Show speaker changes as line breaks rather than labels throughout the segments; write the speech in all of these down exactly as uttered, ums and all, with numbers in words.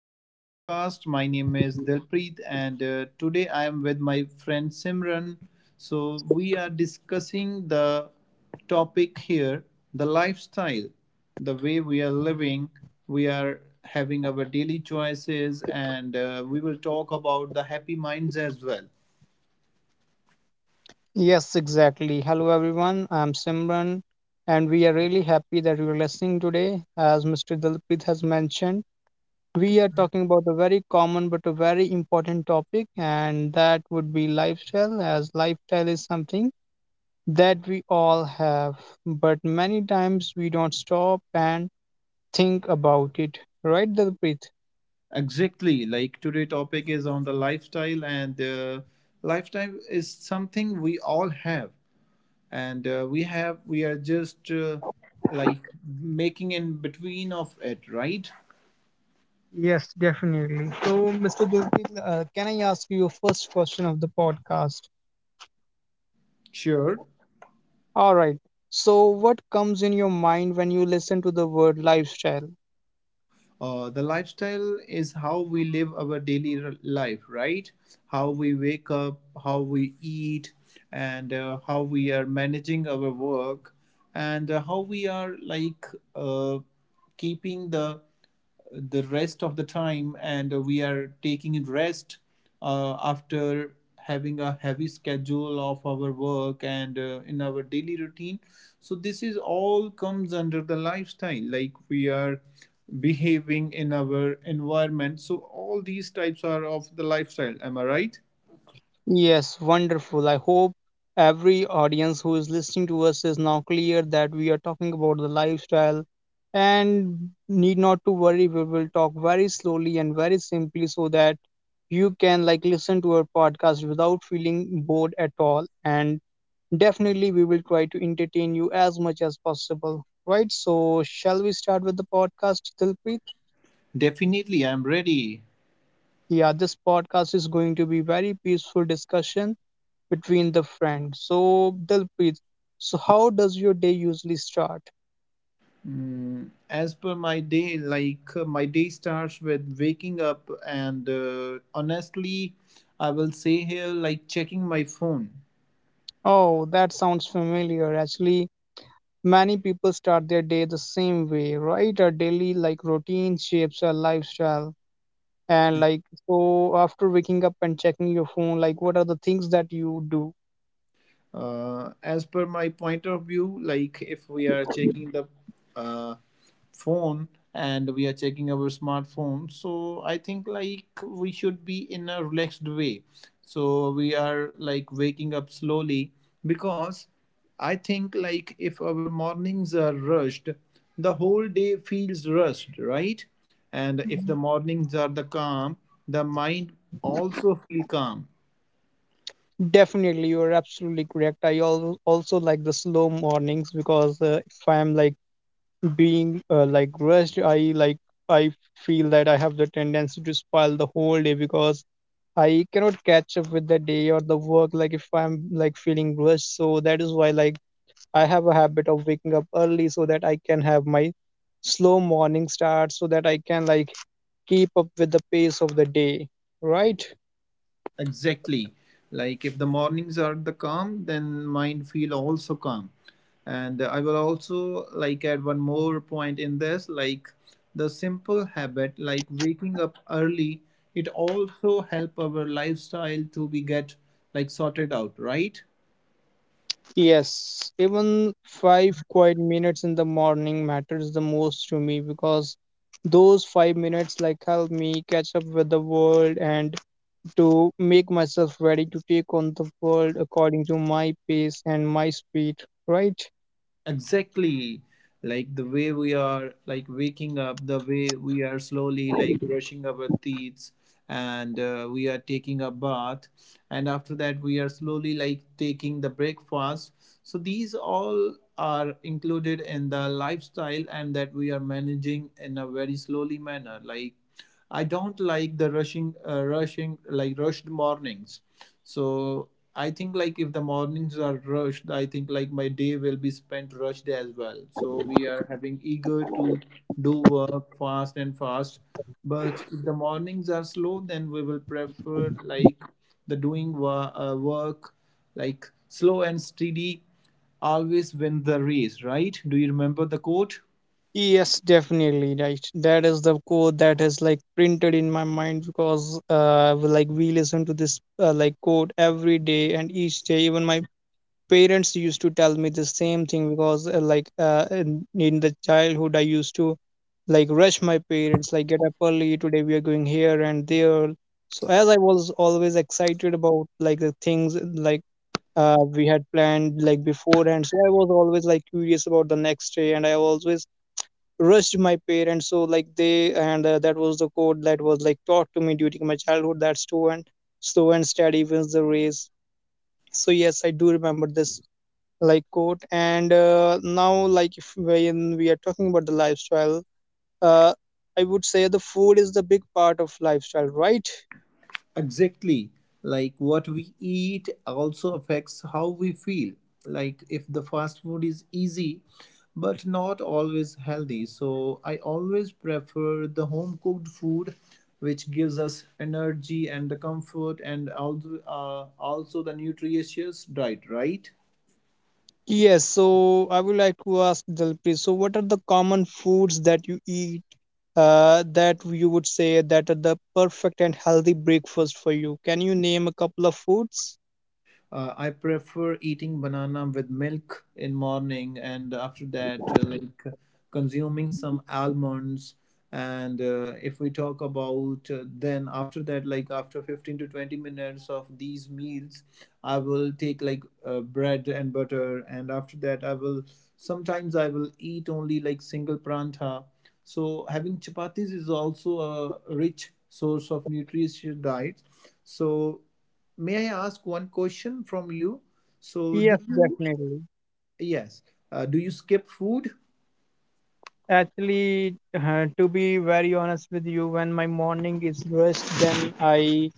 to our podcast. My name is Dilpreet, and uh, today I am with my friend Simran. So, we are discussing the topic here the lifestyle, the way we are living. We are having our daily choices, and uh, we will talk about the happy minds as well.
Yes, exactly. Hello, everyone. I'm Simran, and we are really happy that you're listening today. As mister Dalpreet has mentioned, we are talking about a very common but a very important topic, and that would be lifestyle, as lifestyle is something that we all have, but many times we don't stop and think about it. Right, Dalpreet?
Exactly. Like today topic is on the lifestyle and uh, lifestyle is something we all have. And uh, we have we are just uh, like making in between of it, right?
Yes, definitely. So, mister Dalpreet, uh, can I ask you a first question of the podcast?
Sure.
All right. So, what comes in your mind when you listen to the word lifestyle?
Uh, the lifestyle is how we live our daily r- life, right? How we wake up, how we eat, and uh, how we are managing our work, and uh, how we are like uh, keeping the the rest of the time, and uh, we are taking rest uh, after having a heavy schedule of our work and uh, in our daily routine. So this is all comes under the lifestyle, like we are behaving in our environment, so all these types are of the lifestyle, am I right?
Yes, wonderful. I hope every audience who is listening to us is now clear that we are talking about the lifestyle and need not to worry. We will talk very slowly and very simply so that you can like listen to our podcast without feeling bored at all. And definitely, we will try to entertain you as much as possible. Right. So, shall we start with the podcast, Dilpreet?
Definitely, I'm ready.
Yeah, this podcast is going to be very peaceful discussion between the friends. So, Dilpreet, so how does your day usually start?
Mm, as per my day, like uh, my day starts with waking up, and uh, honestly, I will say here like checking my phone.
Oh, that sounds familiar. Actually, many people start their day the same way, right? Our daily like routine shapes our lifestyle. And like so after waking up and checking your phone, like what are the things that you do?
Uh, as per my point of view, like if we are checking the uh, phone and we are checking our smartphone, so I think like we should be in a relaxed way. So we are like waking up slowly, because I think like if our mornings are rushed, the whole day feels rushed, right? And if the mornings are the calm, the mind also feel calm.
Definitely, you're absolutely correct. I al also like the slow mornings because uh, if I'm like being uh, like rushed, I like i feel that I have the tendency to spoil the whole day, because I cannot catch up with the day or the work like if I'm like feeling rushed. So that is why like I have a habit of waking up early so that I can have my slow morning start so that I can like keep up with the pace of the day, right?
Exactly. Like if the mornings are the calm, then mind feel also calm. And I will also like add one more point in this, like the simple habit, like waking up early, it also help our lifestyle to be get like sorted out, right?
Yes, even five quiet minutes in the morning matters the most to me because those five minutes like help me catch up with the world and to make myself ready to take on the world according to my pace and my speed, right?
Exactly. Like the way we are like waking up, the way we are slowly like brushing our teeth and uh, we are taking a bath, and after that we are slowly like taking the breakfast. So these all are included in the lifestyle and that we are managing in a very slowly manner, like I don't like the rushing, uh, rushing like rushed mornings. So I think like if the mornings are rushed, I think like my day will be spent rushed as well. So we are having eager to do work fast and fast. But if the mornings are slow, then we will prefer like the doing wa- uh, work like slow and steady always win the race, right? Do you remember the quote?
Yes, definitely, right. That is the quote that is like printed in my mind because uh, we- like we listen to this uh, like quote every day and each day. Even my parents used to tell me the same thing because uh, like uh, in, in the childhood I used to like rush my parents like get up early today we are going here and there. So as I was always excited about like the things like uh, we had planned like beforehand, so I was always like curious about the next day and I always rushed my parents. So like they, and uh, that was the code that was like taught to me during my childhood that student, slow and steady wins the race. So yes, I do remember this like coat. And uh, now like if when we are talking about the lifestyle, uh, I would say the food is the big part of lifestyle, right?
Exactly. Like what we eat also affects how we feel. Like if the fast food is easy but not always healthy. So I always prefer the home cooked food, which gives us energy and the comfort, and also uh, also the nutritious diet, right?
Yes, so I would like to ask Jalpreet, so what are the common foods that you eat, uh, that you would say that are the perfect and healthy breakfast for you? Can you name a couple of foods?
Uh, I prefer eating banana with milk in morning, and after that, uh, like consuming some almonds. And uh, if we talk about uh, then after that, like after fifteen to twenty minutes of these meals, I will take like uh, bread and butter, and after that, I will sometimes I will eat only like single pranta. So having chapatis is also a rich source of nutritious diet. So may I ask one question from you? So, do
Yes,
you,
definitely.
yes, uh, do you skip food?
Actually, uh, to be very honest with you, when my morning is rushed, then I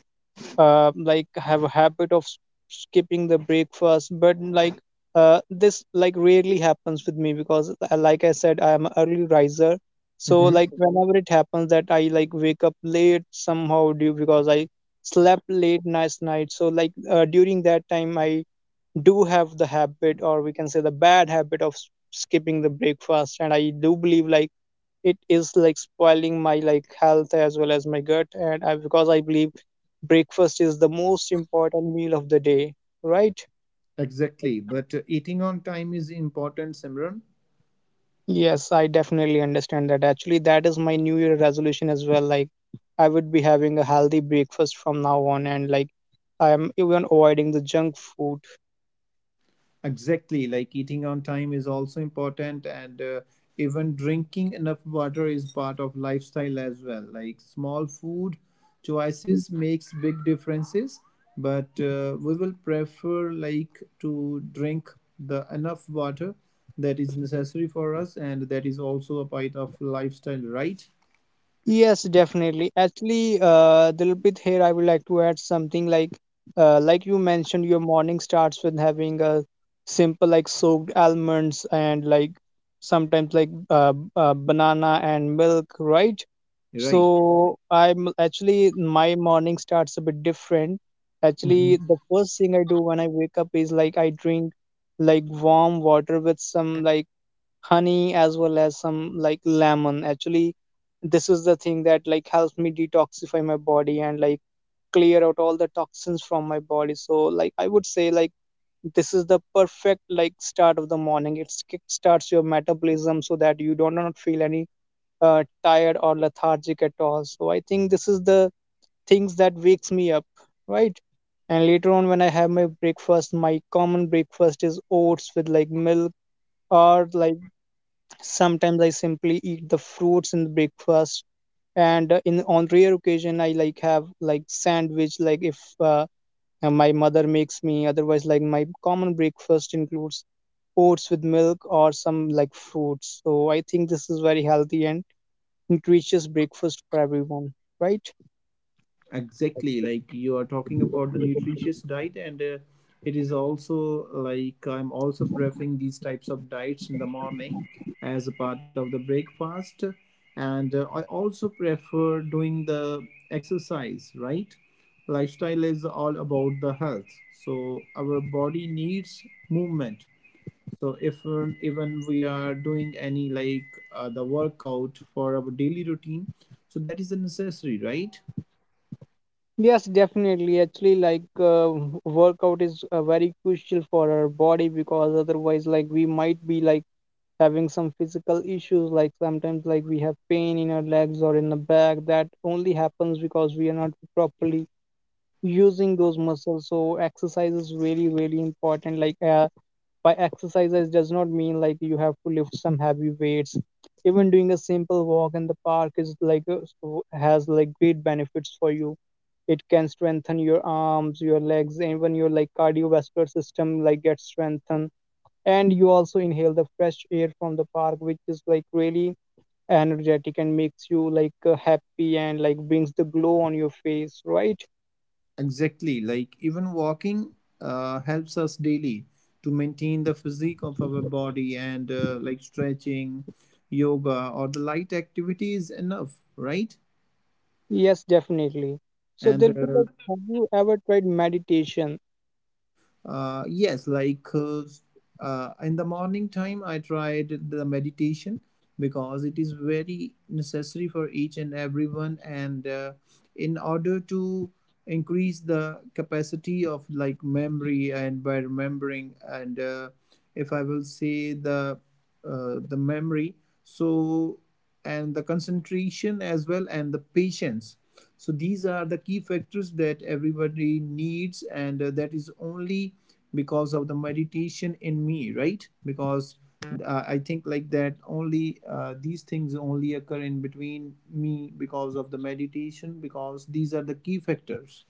uh, like have a habit of s- skipping the breakfast. But like uh, this like rarely happens with me because, uh, like I said, I am an early riser. So
Mhm.
like whenever it happens that I like wake up late somehow due because I slept late last night. So like uh, during that time, I do have the habit, or we can say the bad habit of s- skipping the breakfast. And I do believe like it is like spoiling my like health as well as my gut. And I, because I believe breakfast is the most important meal of the day, right?
Exactly. But uh, eating on time is important, Simran.
Yes, I definitely understand that. Actually, that is my new year resolution as well. Like I would be having a healthy breakfast from now on, and like I am even avoiding the junk food.
Exactly, like eating on time is also important, and uh, even drinking enough water is part of lifestyle as well. Like small food choices makes big differences, but uh, we will prefer like to drink the enough water that is necessary for us, and that is also a part of lifestyle, right?
Yes, definitely. Actually, uh, Dilpit here, I would like to add something like, uh, like you mentioned, your morning starts with having a simple like soaked almonds and like sometimes like uh, b- uh, banana and milk, right?
Right.
So I'm actually my morning starts a bit different.
Mm-hmm.
Actually, the first thing I do when I wake up is like I drink like warm water with some like honey as well as some like lemon. Actually, this is the thing that like helps me detoxify my body and like clear out all the toxins from my body. So like I would say like this is the perfect like start of the morning. It kick starts your metabolism so that you do not feel any uh, tired or lethargic at all. So I think this is the things that wakes me up, right? And later on when I have my breakfast, my common breakfast is oats with like milk or like sometimes I simply eat the fruits in the breakfast, and uh, in on rare occasion I like have like sandwich, like if uh, uh, my mother makes me. Otherwise, like my common breakfast includes oats with milk or some like fruits. So I think this is very healthy and nutritious breakfast for everyone, right?
Exactly, like you are talking about the nutritious diet, and uh, it is also like I'm also preferring these types of diets in the morning as a part of the breakfast, and uh, I also prefer doing the exercise, right? Lifestyle is all about the health, so our body needs movement. So if uh, even we are doing any like uh, the workout for our daily routine, so that is a necessary, right?
Yes, definitely. Actually, like uh, workout is uh, very crucial for our body, because otherwise, like we might be like having some physical issues. Like sometimes like we have pain in our legs or in the back, that only happens because we are not properly using those muscles. So exercise is really really important. Like uh, by exercises does not mean like you have to lift some heavy weights. Even doing a simple walk in the park is like uh, so- has like great benefits for you. It can strengthen your arms, your legs, and even your like cardiovascular system like gets strengthened, and you also inhale the fresh air from the park, which is like really energetic and makes you like uh, happy and like brings the glow on your face, right?
Exactly, like even walking uh, helps us daily to maintain the physique of our body, and uh, like stretching, yoga, or the light activity is enough, right?
Yes, definitely. So
And
there'll be
uh,
like, have you ever tried meditation?
uh, yes, like uh, uh, in the morning time, I tried the meditation, because it is very necessary for each and everyone. And uh, in order to increase the capacity of like memory and by remembering, and uh, if I will say the uh, the memory, so and the concentration as well and the patience. So these are the key factors that everybody needs, and uh, that is only because of the meditation in me, right? Because uh, I think like that only uh, these things only occur in between me because of the meditation, because these are the key factors.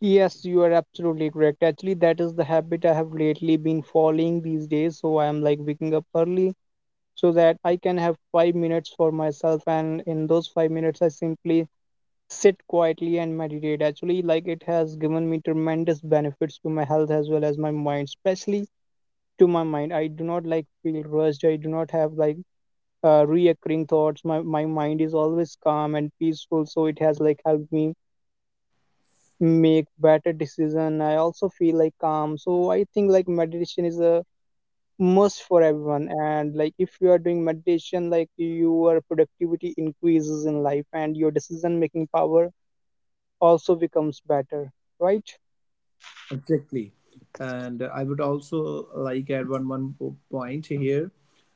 Yes, you are absolutely correct. Actually, that is the habit I have lately been following these days. So I am like waking up early so that I can have five minutes for myself, and in those five minutes I simply sit quietly and meditate. Actually, like it has given me tremendous benefits to my health as well as my mind, especially to my mind. I do not like feel rushed. I do not have like uh, reoccurring thoughts. My my mind is always calm and peaceful, so it has like helped me make better decision. I also feel like calm. So I think like meditation is a must for everyone, and like if you are doing meditation like your productivity increases in life and your decision making power also becomes better, right?
Exactly. And I would also like add one one po- point here.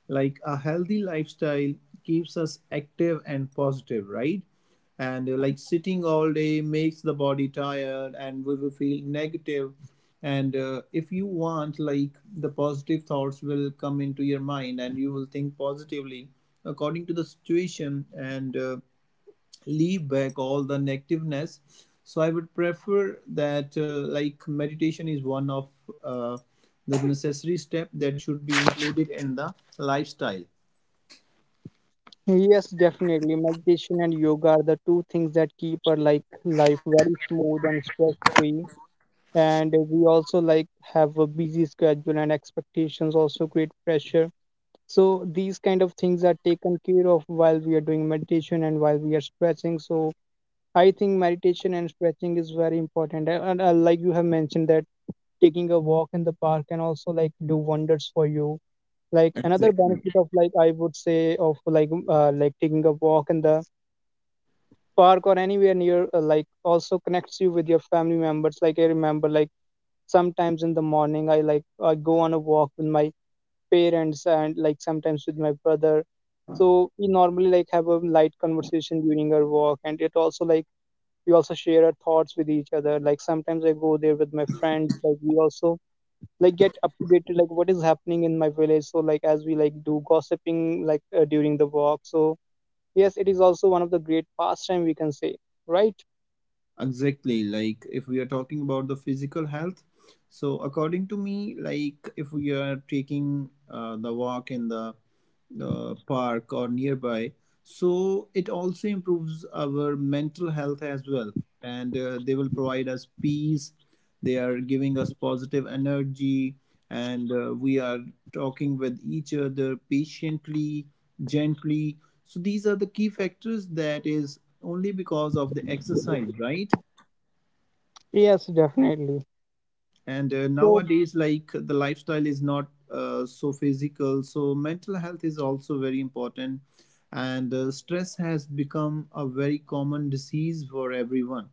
Like a healthy lifestyle keeps us active and positive, right? And uh, like sitting all day makes the body tired and we will feel negative. And uh, if you want, like the positive thoughts will come into your mind and you will think positively according to the situation. And uh, leave back all the negativeness. So I would prefer that uh, like meditation is one of uh, the necessary step that should be included in the lifestyle.
Yes, definitely. Meditation and yoga are the two things that keep our like life very smooth and stress free. And we also like have a busy schedule, and expectations also create pressure. So these kind of things are taken care of while we are doing meditation and while we are stretching. So I think meditation and stretching is very important. And, and uh, like you have mentioned that taking a walk in the park can also like do wonders for you, like another
Exactly.
benefit of like I would say of like m- uh, like taking a walk in the park or anywhere near, uh, like also connects you with your family members. Like I remember like sometimes in the morning i like i go on a walk with my parents and like sometimes with my brother. So we normally like have a light conversation during our walk, and it also like we also share our thoughts with each other. Like sometimes I go there with my friends, like we also like get up to date to, like what is happening in my village. So like as we like do gossiping like uh, during the walk. So yes, it is also one of the great pastime, we can say, right?
Exactly, like if we are talking about the physical health, so according to me, like if we are taking uh, the walk in the uh, park or nearby. So it also improves our mental health as well. And uh, they will provide us peace. They are giving us positive energy. And uh, we are talking with each other patiently, gently. So these are the key factors that is only because of the exercise, right?
Yes, definitely.
And uh,
So
nowadays like the lifestyle is not uh, so physical, so mental health is also very important. And uh, stress has become a very common disease for everyone,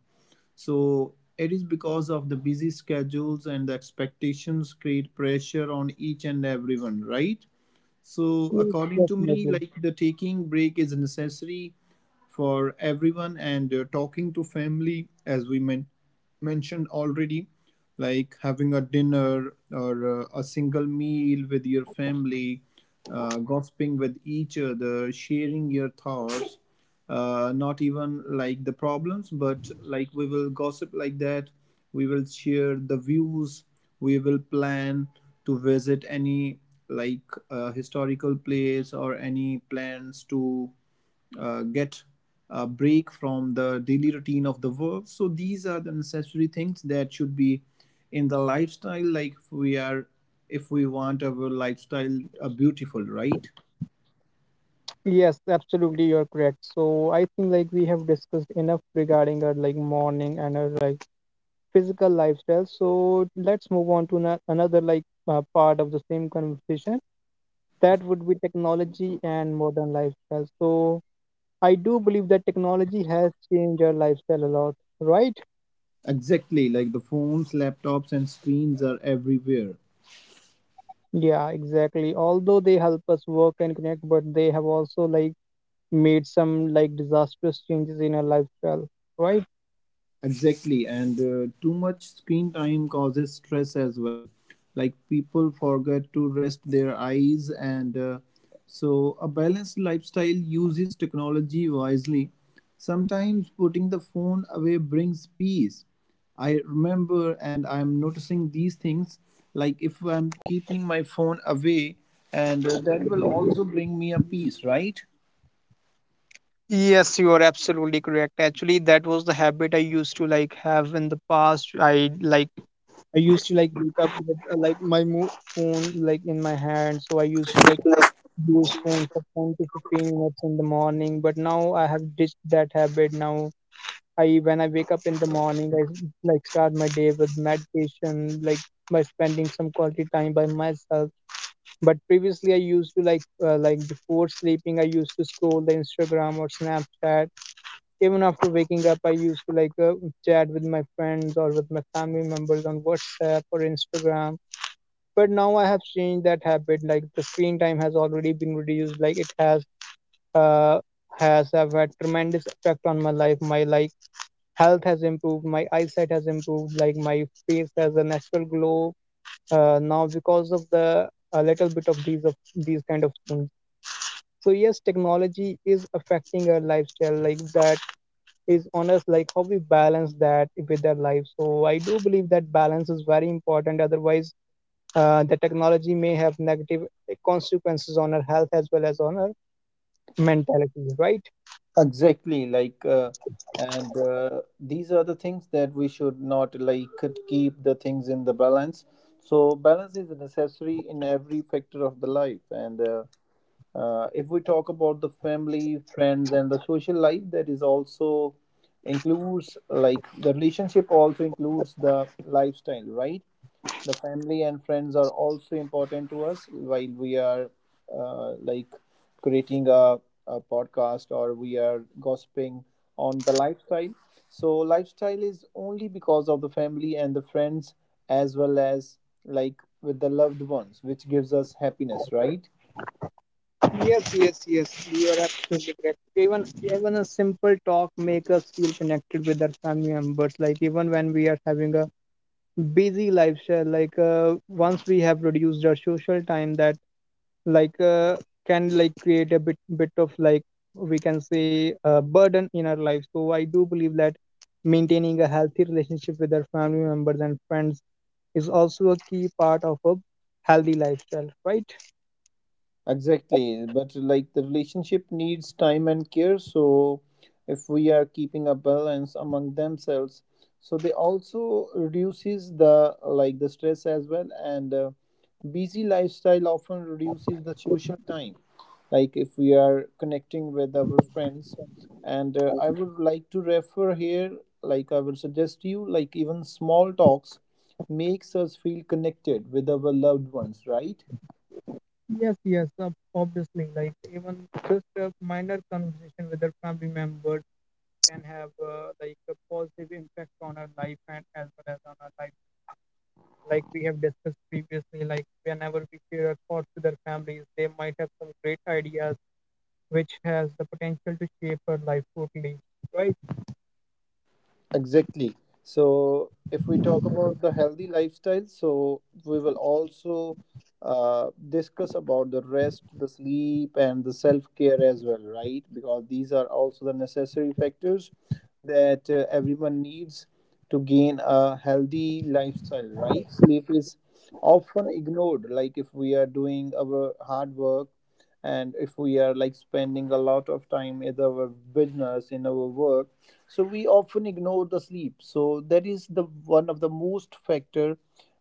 so it is because of the busy schedules and the expectations create pressure on each and everyone, right? So
yes,
according to me,
definitely.
like the taking break is necessary for everyone, and uh, talking to family as we men- mentioned already, like having a dinner or uh, a single meal with your family, uh, gossiping with each other, sharing your thoughts, uh, not even like the problems, but like we will gossip like that, we will share the views, we will plan to visit any like uh, historical place, or any plans to uh, get a break from the daily routine of the work. So these are the necessary things that should be in the lifestyle. Like we are, if we want our lifestyle uh, beautiful, right?
Yes, absolutely, you're correct. So I think like we have discussed enough regarding our like morning and our like physical lifestyle. So let's move on to na- another like uh, part of the same conversation, that would be technology and modern lifestyle. So I do believe that technology has changed our lifestyle a lot, right?
Exactly, like the phones, laptops, and screens are everywhere.
Yeah, exactly. Although they help us work and connect, but they have also like made some like disastrous changes in our lifestyle, right?
Exactly, and uh, too much screen time causes stress as well. Like people forget to rest their eyes, and uh, so a balanced lifestyle uses technology wisely. Sometimes putting the phone away brings peace. I remember and I'm noticing these things, like if I'm keeping my phone away, and uh, that will also bring me a peace, right?
Yes, you are absolutely correct. Actually, that was the habit I used to like have in the past. I like I used to like wake up with uh, like my mo phone like in my hand, so I used to like use phone for ten to fifteen minutes in the morning. But now I have ditched that habit now. I when I wake up in the morning, I like start my day with meditation, like by spending some quality time by myself. But previously, I used to like uh, like before sleeping, I used to scroll the Instagram or Snapchat. Even after waking up, I used to like uh, chat with my friends or with my family members on WhatsApp or Instagram. But now I have changed that habit. Like the screen time has already been reduced. Like it has uh has have had tremendous effect on my life. My like health has improved, my eyesight has improved, like my face has a natural glow uh, now because of the a little bit of these of these kind of things. So yes, technology is affecting our lifestyle, like that is on us, like how we balance that with our life. So I do believe that balance is very important, otherwise uh, the technology may have negative consequences on our health as well as on our mentality, right?
Exactly, like uh, and uh, these are the things that we should not like keep the things in the balance. So balance is necessary in every factor of the life, and uh, uh, if we talk about the family, friends, and the social life, that is also includes like the relationship also includes the lifestyle, right? The family and friends are also important to us while we are uh, like creating a, a podcast or we are gossiping on the lifestyle. So lifestyle is only because of the family and the friends as well as like with the loved ones, which gives us happiness, right?
Yes, yes, yes. You are absolutely correct. Even even a simple talk make us feel connected with our family members. Like even when we are having a busy lifestyle, like uh, once we have reduced our social time, that like uh, can like create a bit bit of like, we can say, a burden in our life. So I do believe that maintaining a healthy relationship with our family members and friends is also a key part of a healthy lifestyle, right?
Exactly, but like the relationship needs time and care. So, if we are keeping a balance among themselves, so they also reduces the like the stress as well. And uh, busy lifestyle often reduces the social time. Like if we are connecting with our friends, and uh, I would like to refer here. Like I would suggest you, like even small talks makes us feel connected with our loved ones, right?
Yes, yes, ob- obviously. Like even just a minor conversation with our family members can have uh, like a positive impact on our life and as well as on our life. Like we have discussed previously, like whenever we share our thoughts with our families, they might have some great ideas which has the potential to shape our life totally, right?
Exactly. So, if we talk about the healthy lifestyle, so we will also uh, discuss about the rest, the sleep, and the self care as well, right? Because these are also the necessary factors that uh, everyone needs to gain a healthy lifestyle, right? Sleep is often ignored, like if we are doing our hard work, and if we are like spending a lot of time in our business, in our work, so we often ignore the sleep. So that is the one of the most factor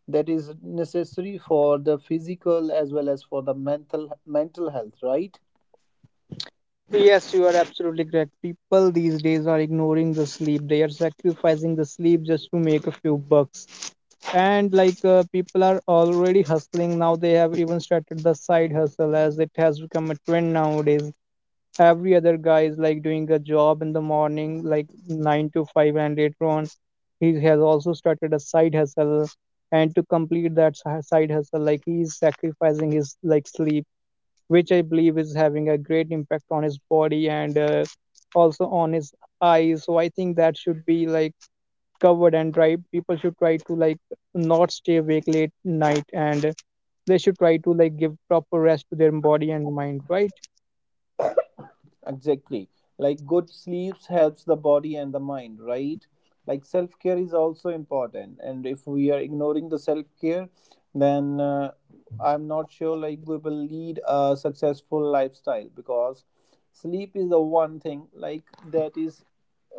that is necessary for the physical as well as for the mental mental health, right?
Yes, you are absolutely correct. People these days are ignoring the sleep. They are sacrificing the sleep just to make a few bucks. And like uh, people are already hustling, now they have even started the side hustle as it has become a trend nowadays. Every other guy is like doing a job in the morning like nine to five, and later on he has also started a side hustle, and to complete that si- side hustle, like he is sacrificing his like sleep, which I believe is having a great impact on his body and uh, also on his eyes. So I think that should be like covered and dry. People should try to like not stay awake late night and they should try to like give proper rest to their body and mind, right?
Exactly. Like good sleeps helps the body and the mind, right? Like self care is also important. And if we are ignoring the self care, then uh, I'm not sure like we will lead a successful lifestyle because sleep is the one thing like that is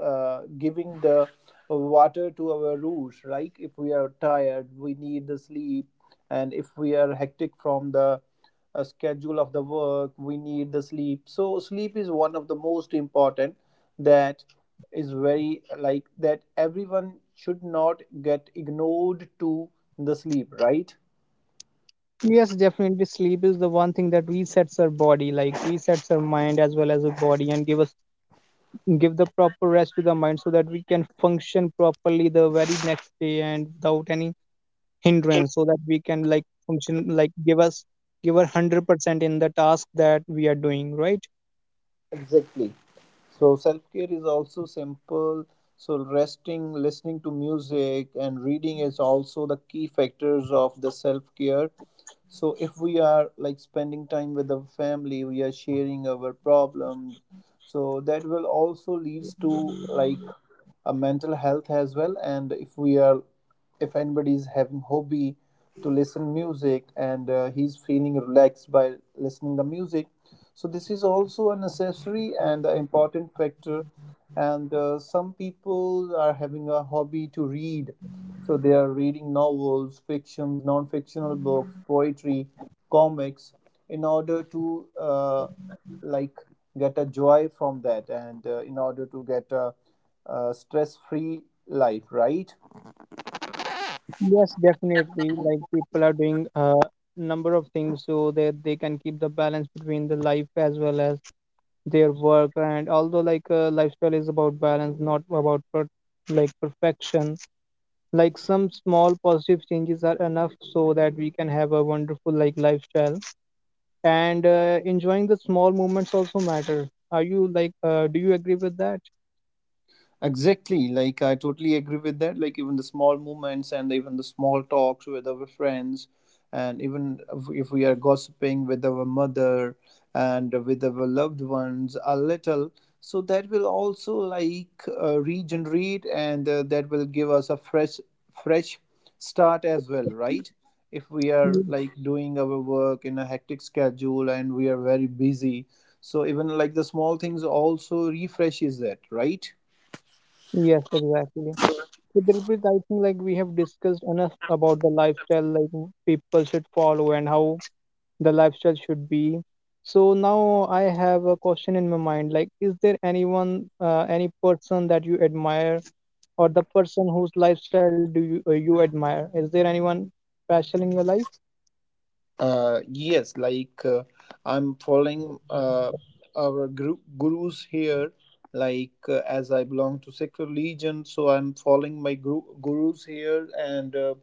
uh, giving the water to our roots, right? If we are tired, we need the sleep, and if we are hectic from the uh, schedule of the work, we need the sleep. So sleep is one of the most important that is very like that everyone should not get ignored to the sleep, right?
Yes, definitely. Sleep is the one thing that resets our body, like resets our mind as well as our body, and give us give the proper rest to the mind so that we can function properly the very next day and without any hindrance, so that we can like function, like give us give our one hundred percent in the task that we are doing, right?
Exactly. So self care is also simple. So resting, listening to music, and reading is also the key factors of the self care, so if we are like spending time with the family, we are sharing our problems, so that will also leads to like a mental health as well. And if we are if anybody is having hobby to listen music, and uh, he's feeling relaxed by listening the music, so this is also a necessary and a important factor. And uh, Some people are having a hobby to read, so they are reading novels, fictions, non-fictional books, poetry, comics, in order to uh, like get a joy from that, and uh, in order to get a, a stress-free life, right?
Yes, definitely, like people are doing a number of things so that they can keep the balance between the life as well as their work. And although like uh, lifestyle is about balance, not about per- like perfection, like some small positive changes are enough so that we can have a wonderful like lifestyle. And uh, enjoying the small moments also matter. Are you like uh, do you agree with that?
Exactly. Like I totally agree with that. Like even the small moments and even the small talks with our friends, and even if if we are gossiping with our mother and with our loved ones a little, so that will also like uh, regenerate, and uh, that will give us a fresh, fresh start as well, right? If we are
Ye-
like doing our work in a hectic schedule and we are very busy, so even like the small things also refreshes that, right?
yes, exactly. So Dilpreet, I think like we have discussed enough about the lifestyle like w- people should follow and how the lifestyle should be. So now I have a question in my mind, like is there anyone uh, any person that you admire, or the person whose lifestyle do you uh, you admire, is there anyone special in your life?
Uh, yes, like uh, I'm following uh, our guru gurus here. Like uh, as I belong to Sikh religion, so I'm following my guru gurus here, and uh,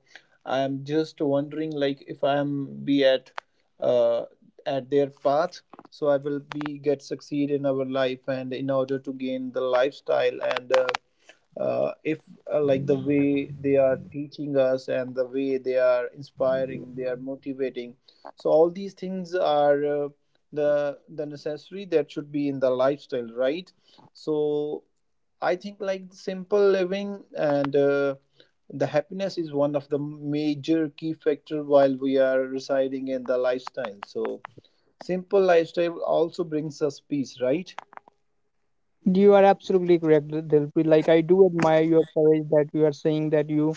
I'm just wondering like if I'm be at uh, at their path, so I will be get succeed in our life, and in order to gain the lifestyle and. Uh, uh, if uh, Like the way they are teaching us and the way they are inspiring, they are motivating, so all these things are uh, the the necessary that should be in the lifestyle, right? So I think like simple living and uh, the happiness is one of the major key factor while we are residing in the lifestyle, so simple lifestyle also brings us peace, right?
You are absolutely correct, Dilpreet. Like I do admire your courage that you are saying that you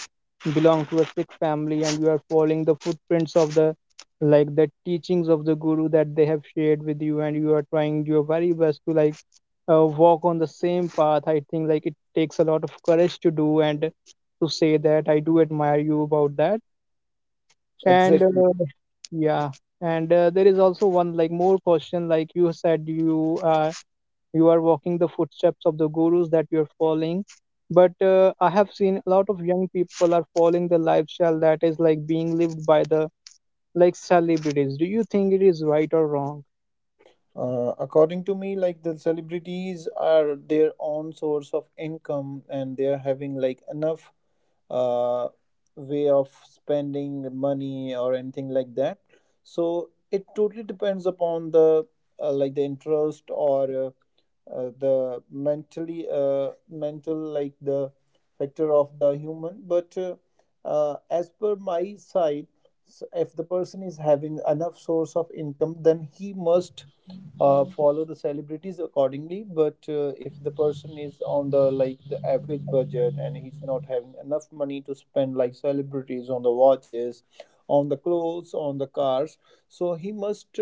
belong to a Sikh family and you are following the footprints of the like the teachings of the guru that they have shared with you, and you are trying your very best to like uh, walk on the same path. I think like it takes a lot of courage to do and to say that. I do admire you about that. And uh,
Exactly.
yeah, and uh, there is also one like more question. Like you said you uh, you are walking the footsteps of the gurus that you are following. But uh, I have seen a lot of young people are following the lifestyle that is like being lived by the like celebrities. Do you think it is right or wrong?
Uh, according to me, like the celebrities are their own source of income and they are having like enough uh, way of spending money or anything like that. So it totally depends upon the uh, like the interest or uh, uh, the mentally uh, mental like the factor of the human. But uh, uh, as per my side. So if the person is having enough source of income, then he must uh, follow the celebrities accordingly. But uh, if the person is on the like the average budget and he's not having enough money to spend like celebrities on the watches, on the clothes, on the cars, so he must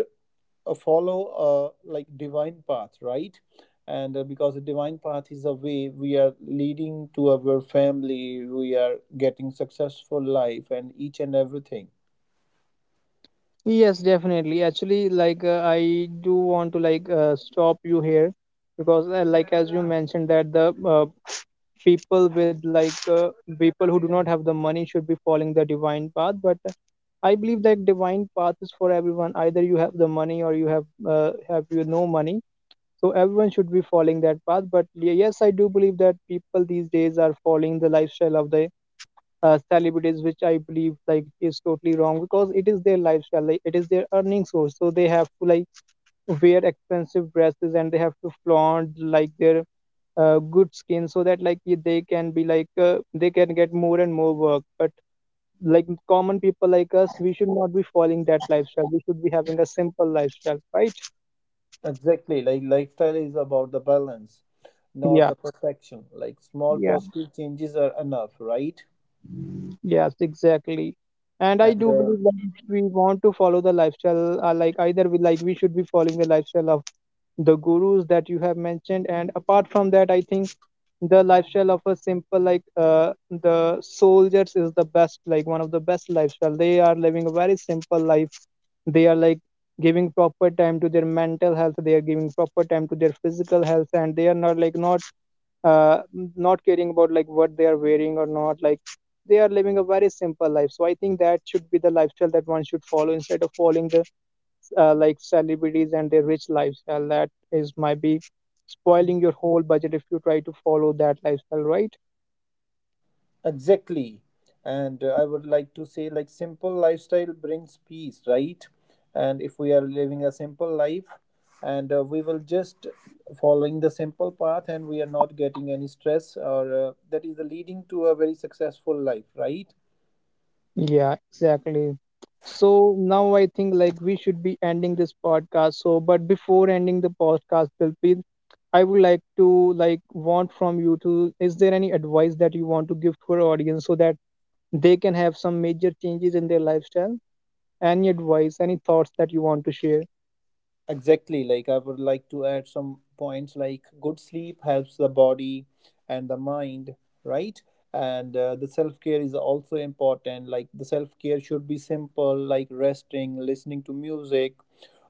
uh, follow a like divine path, right? And uh, Because the divine path is a way we are leading to our family, we are getting successful life and each and everything.
Yes, definitely. Actually, like uh, I do want to like uh, stop you here because uh, like as you mentioned that the uh, people with like uh, people who do not have the money should be following the divine path, but uh, I believe that divine path is for everyone, either you have the money or you have uh, have you no money. So everyone should be following that path. But y- yes, I do believe that people these days are following the lifestyle of the uh, celebrities, which I believe like is totally wrong, because it is their lifestyle, like it is their earning source, so they have to like wear expensive dresses and they have to flaunt like their uh, good skin so that like y- they can be like uh, they can get more and more work. But like common people like us, we should not be following that lifestyle, we should be having a simple lifestyle, right?
Exactly, like lifestyle is about the balance, not
Yeah.
the perfection. Like small positive changes are enough, right?
Yes, exactly. And I
And
do
uh,
believe that if we want to follow the lifestyle, uh, like either we like we should be following the lifestyle of the gurus that you have mentioned. And apart from that, I think the lifestyle of a simple like uh, the soldiers is the best, like one of the best lifestyle. They are living a very simple life. They are like giving proper time to their mental health. They are giving proper time to their physical health, and they are not like not uh, not caring about like what they are wearing or not, like they are living a very simple life. So I think that should be the lifestyle that one should follow, instead of following the uh, like celebrities and their rich lifestyle that is might be spoiling your whole budget if you try to follow that lifestyle, right?
exactly, and uh, I would like to say like simple lifestyle brings peace, right? And if we are living a simple life, and uh, we will just following the simple path, and we are not getting any stress, or uh, that is the leading to a very successful life, right?
Yeah, exactly. So now I think like we should be ending this podcast. So, but before ending the podcast, Dilpreet, I would like to like want from you to, is there any advice that you want to give to our audience so that they can have some major changes in their lifestyle? Any advice, any thoughts that you want to share?
Exactly. Like I would like to add some points like good sleep helps the body and the mind, right? And uh, The self care is also important. Like the self care should be simple, like resting, listening to music,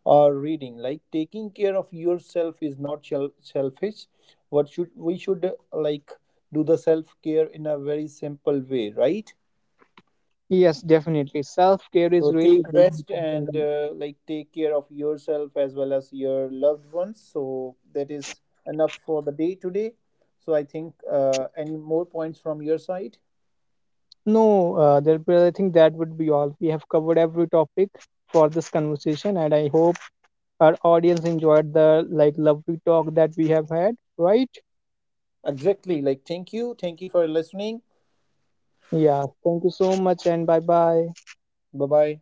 or reading. Like taking care of yourself is not shel- selfish. What should we should uh, like do the self care in a very simple way, right?
Yes, definitely. Self care
So
is really,
take
really
rest
important.
and
And
uh, like take care of yourself as well as your loved ones. So that is enough for the day today. So I think uh, any more points from your side?
no, uh, Dilpira, I think that would be all. We have covered every topic for this conversation, and I hope our audience enjoyed the like lovely talk that we have had, right?
Exactly. Like thank you, thank you for listening.
Yeah. Thank you so much, and bye bye.
Bye bye.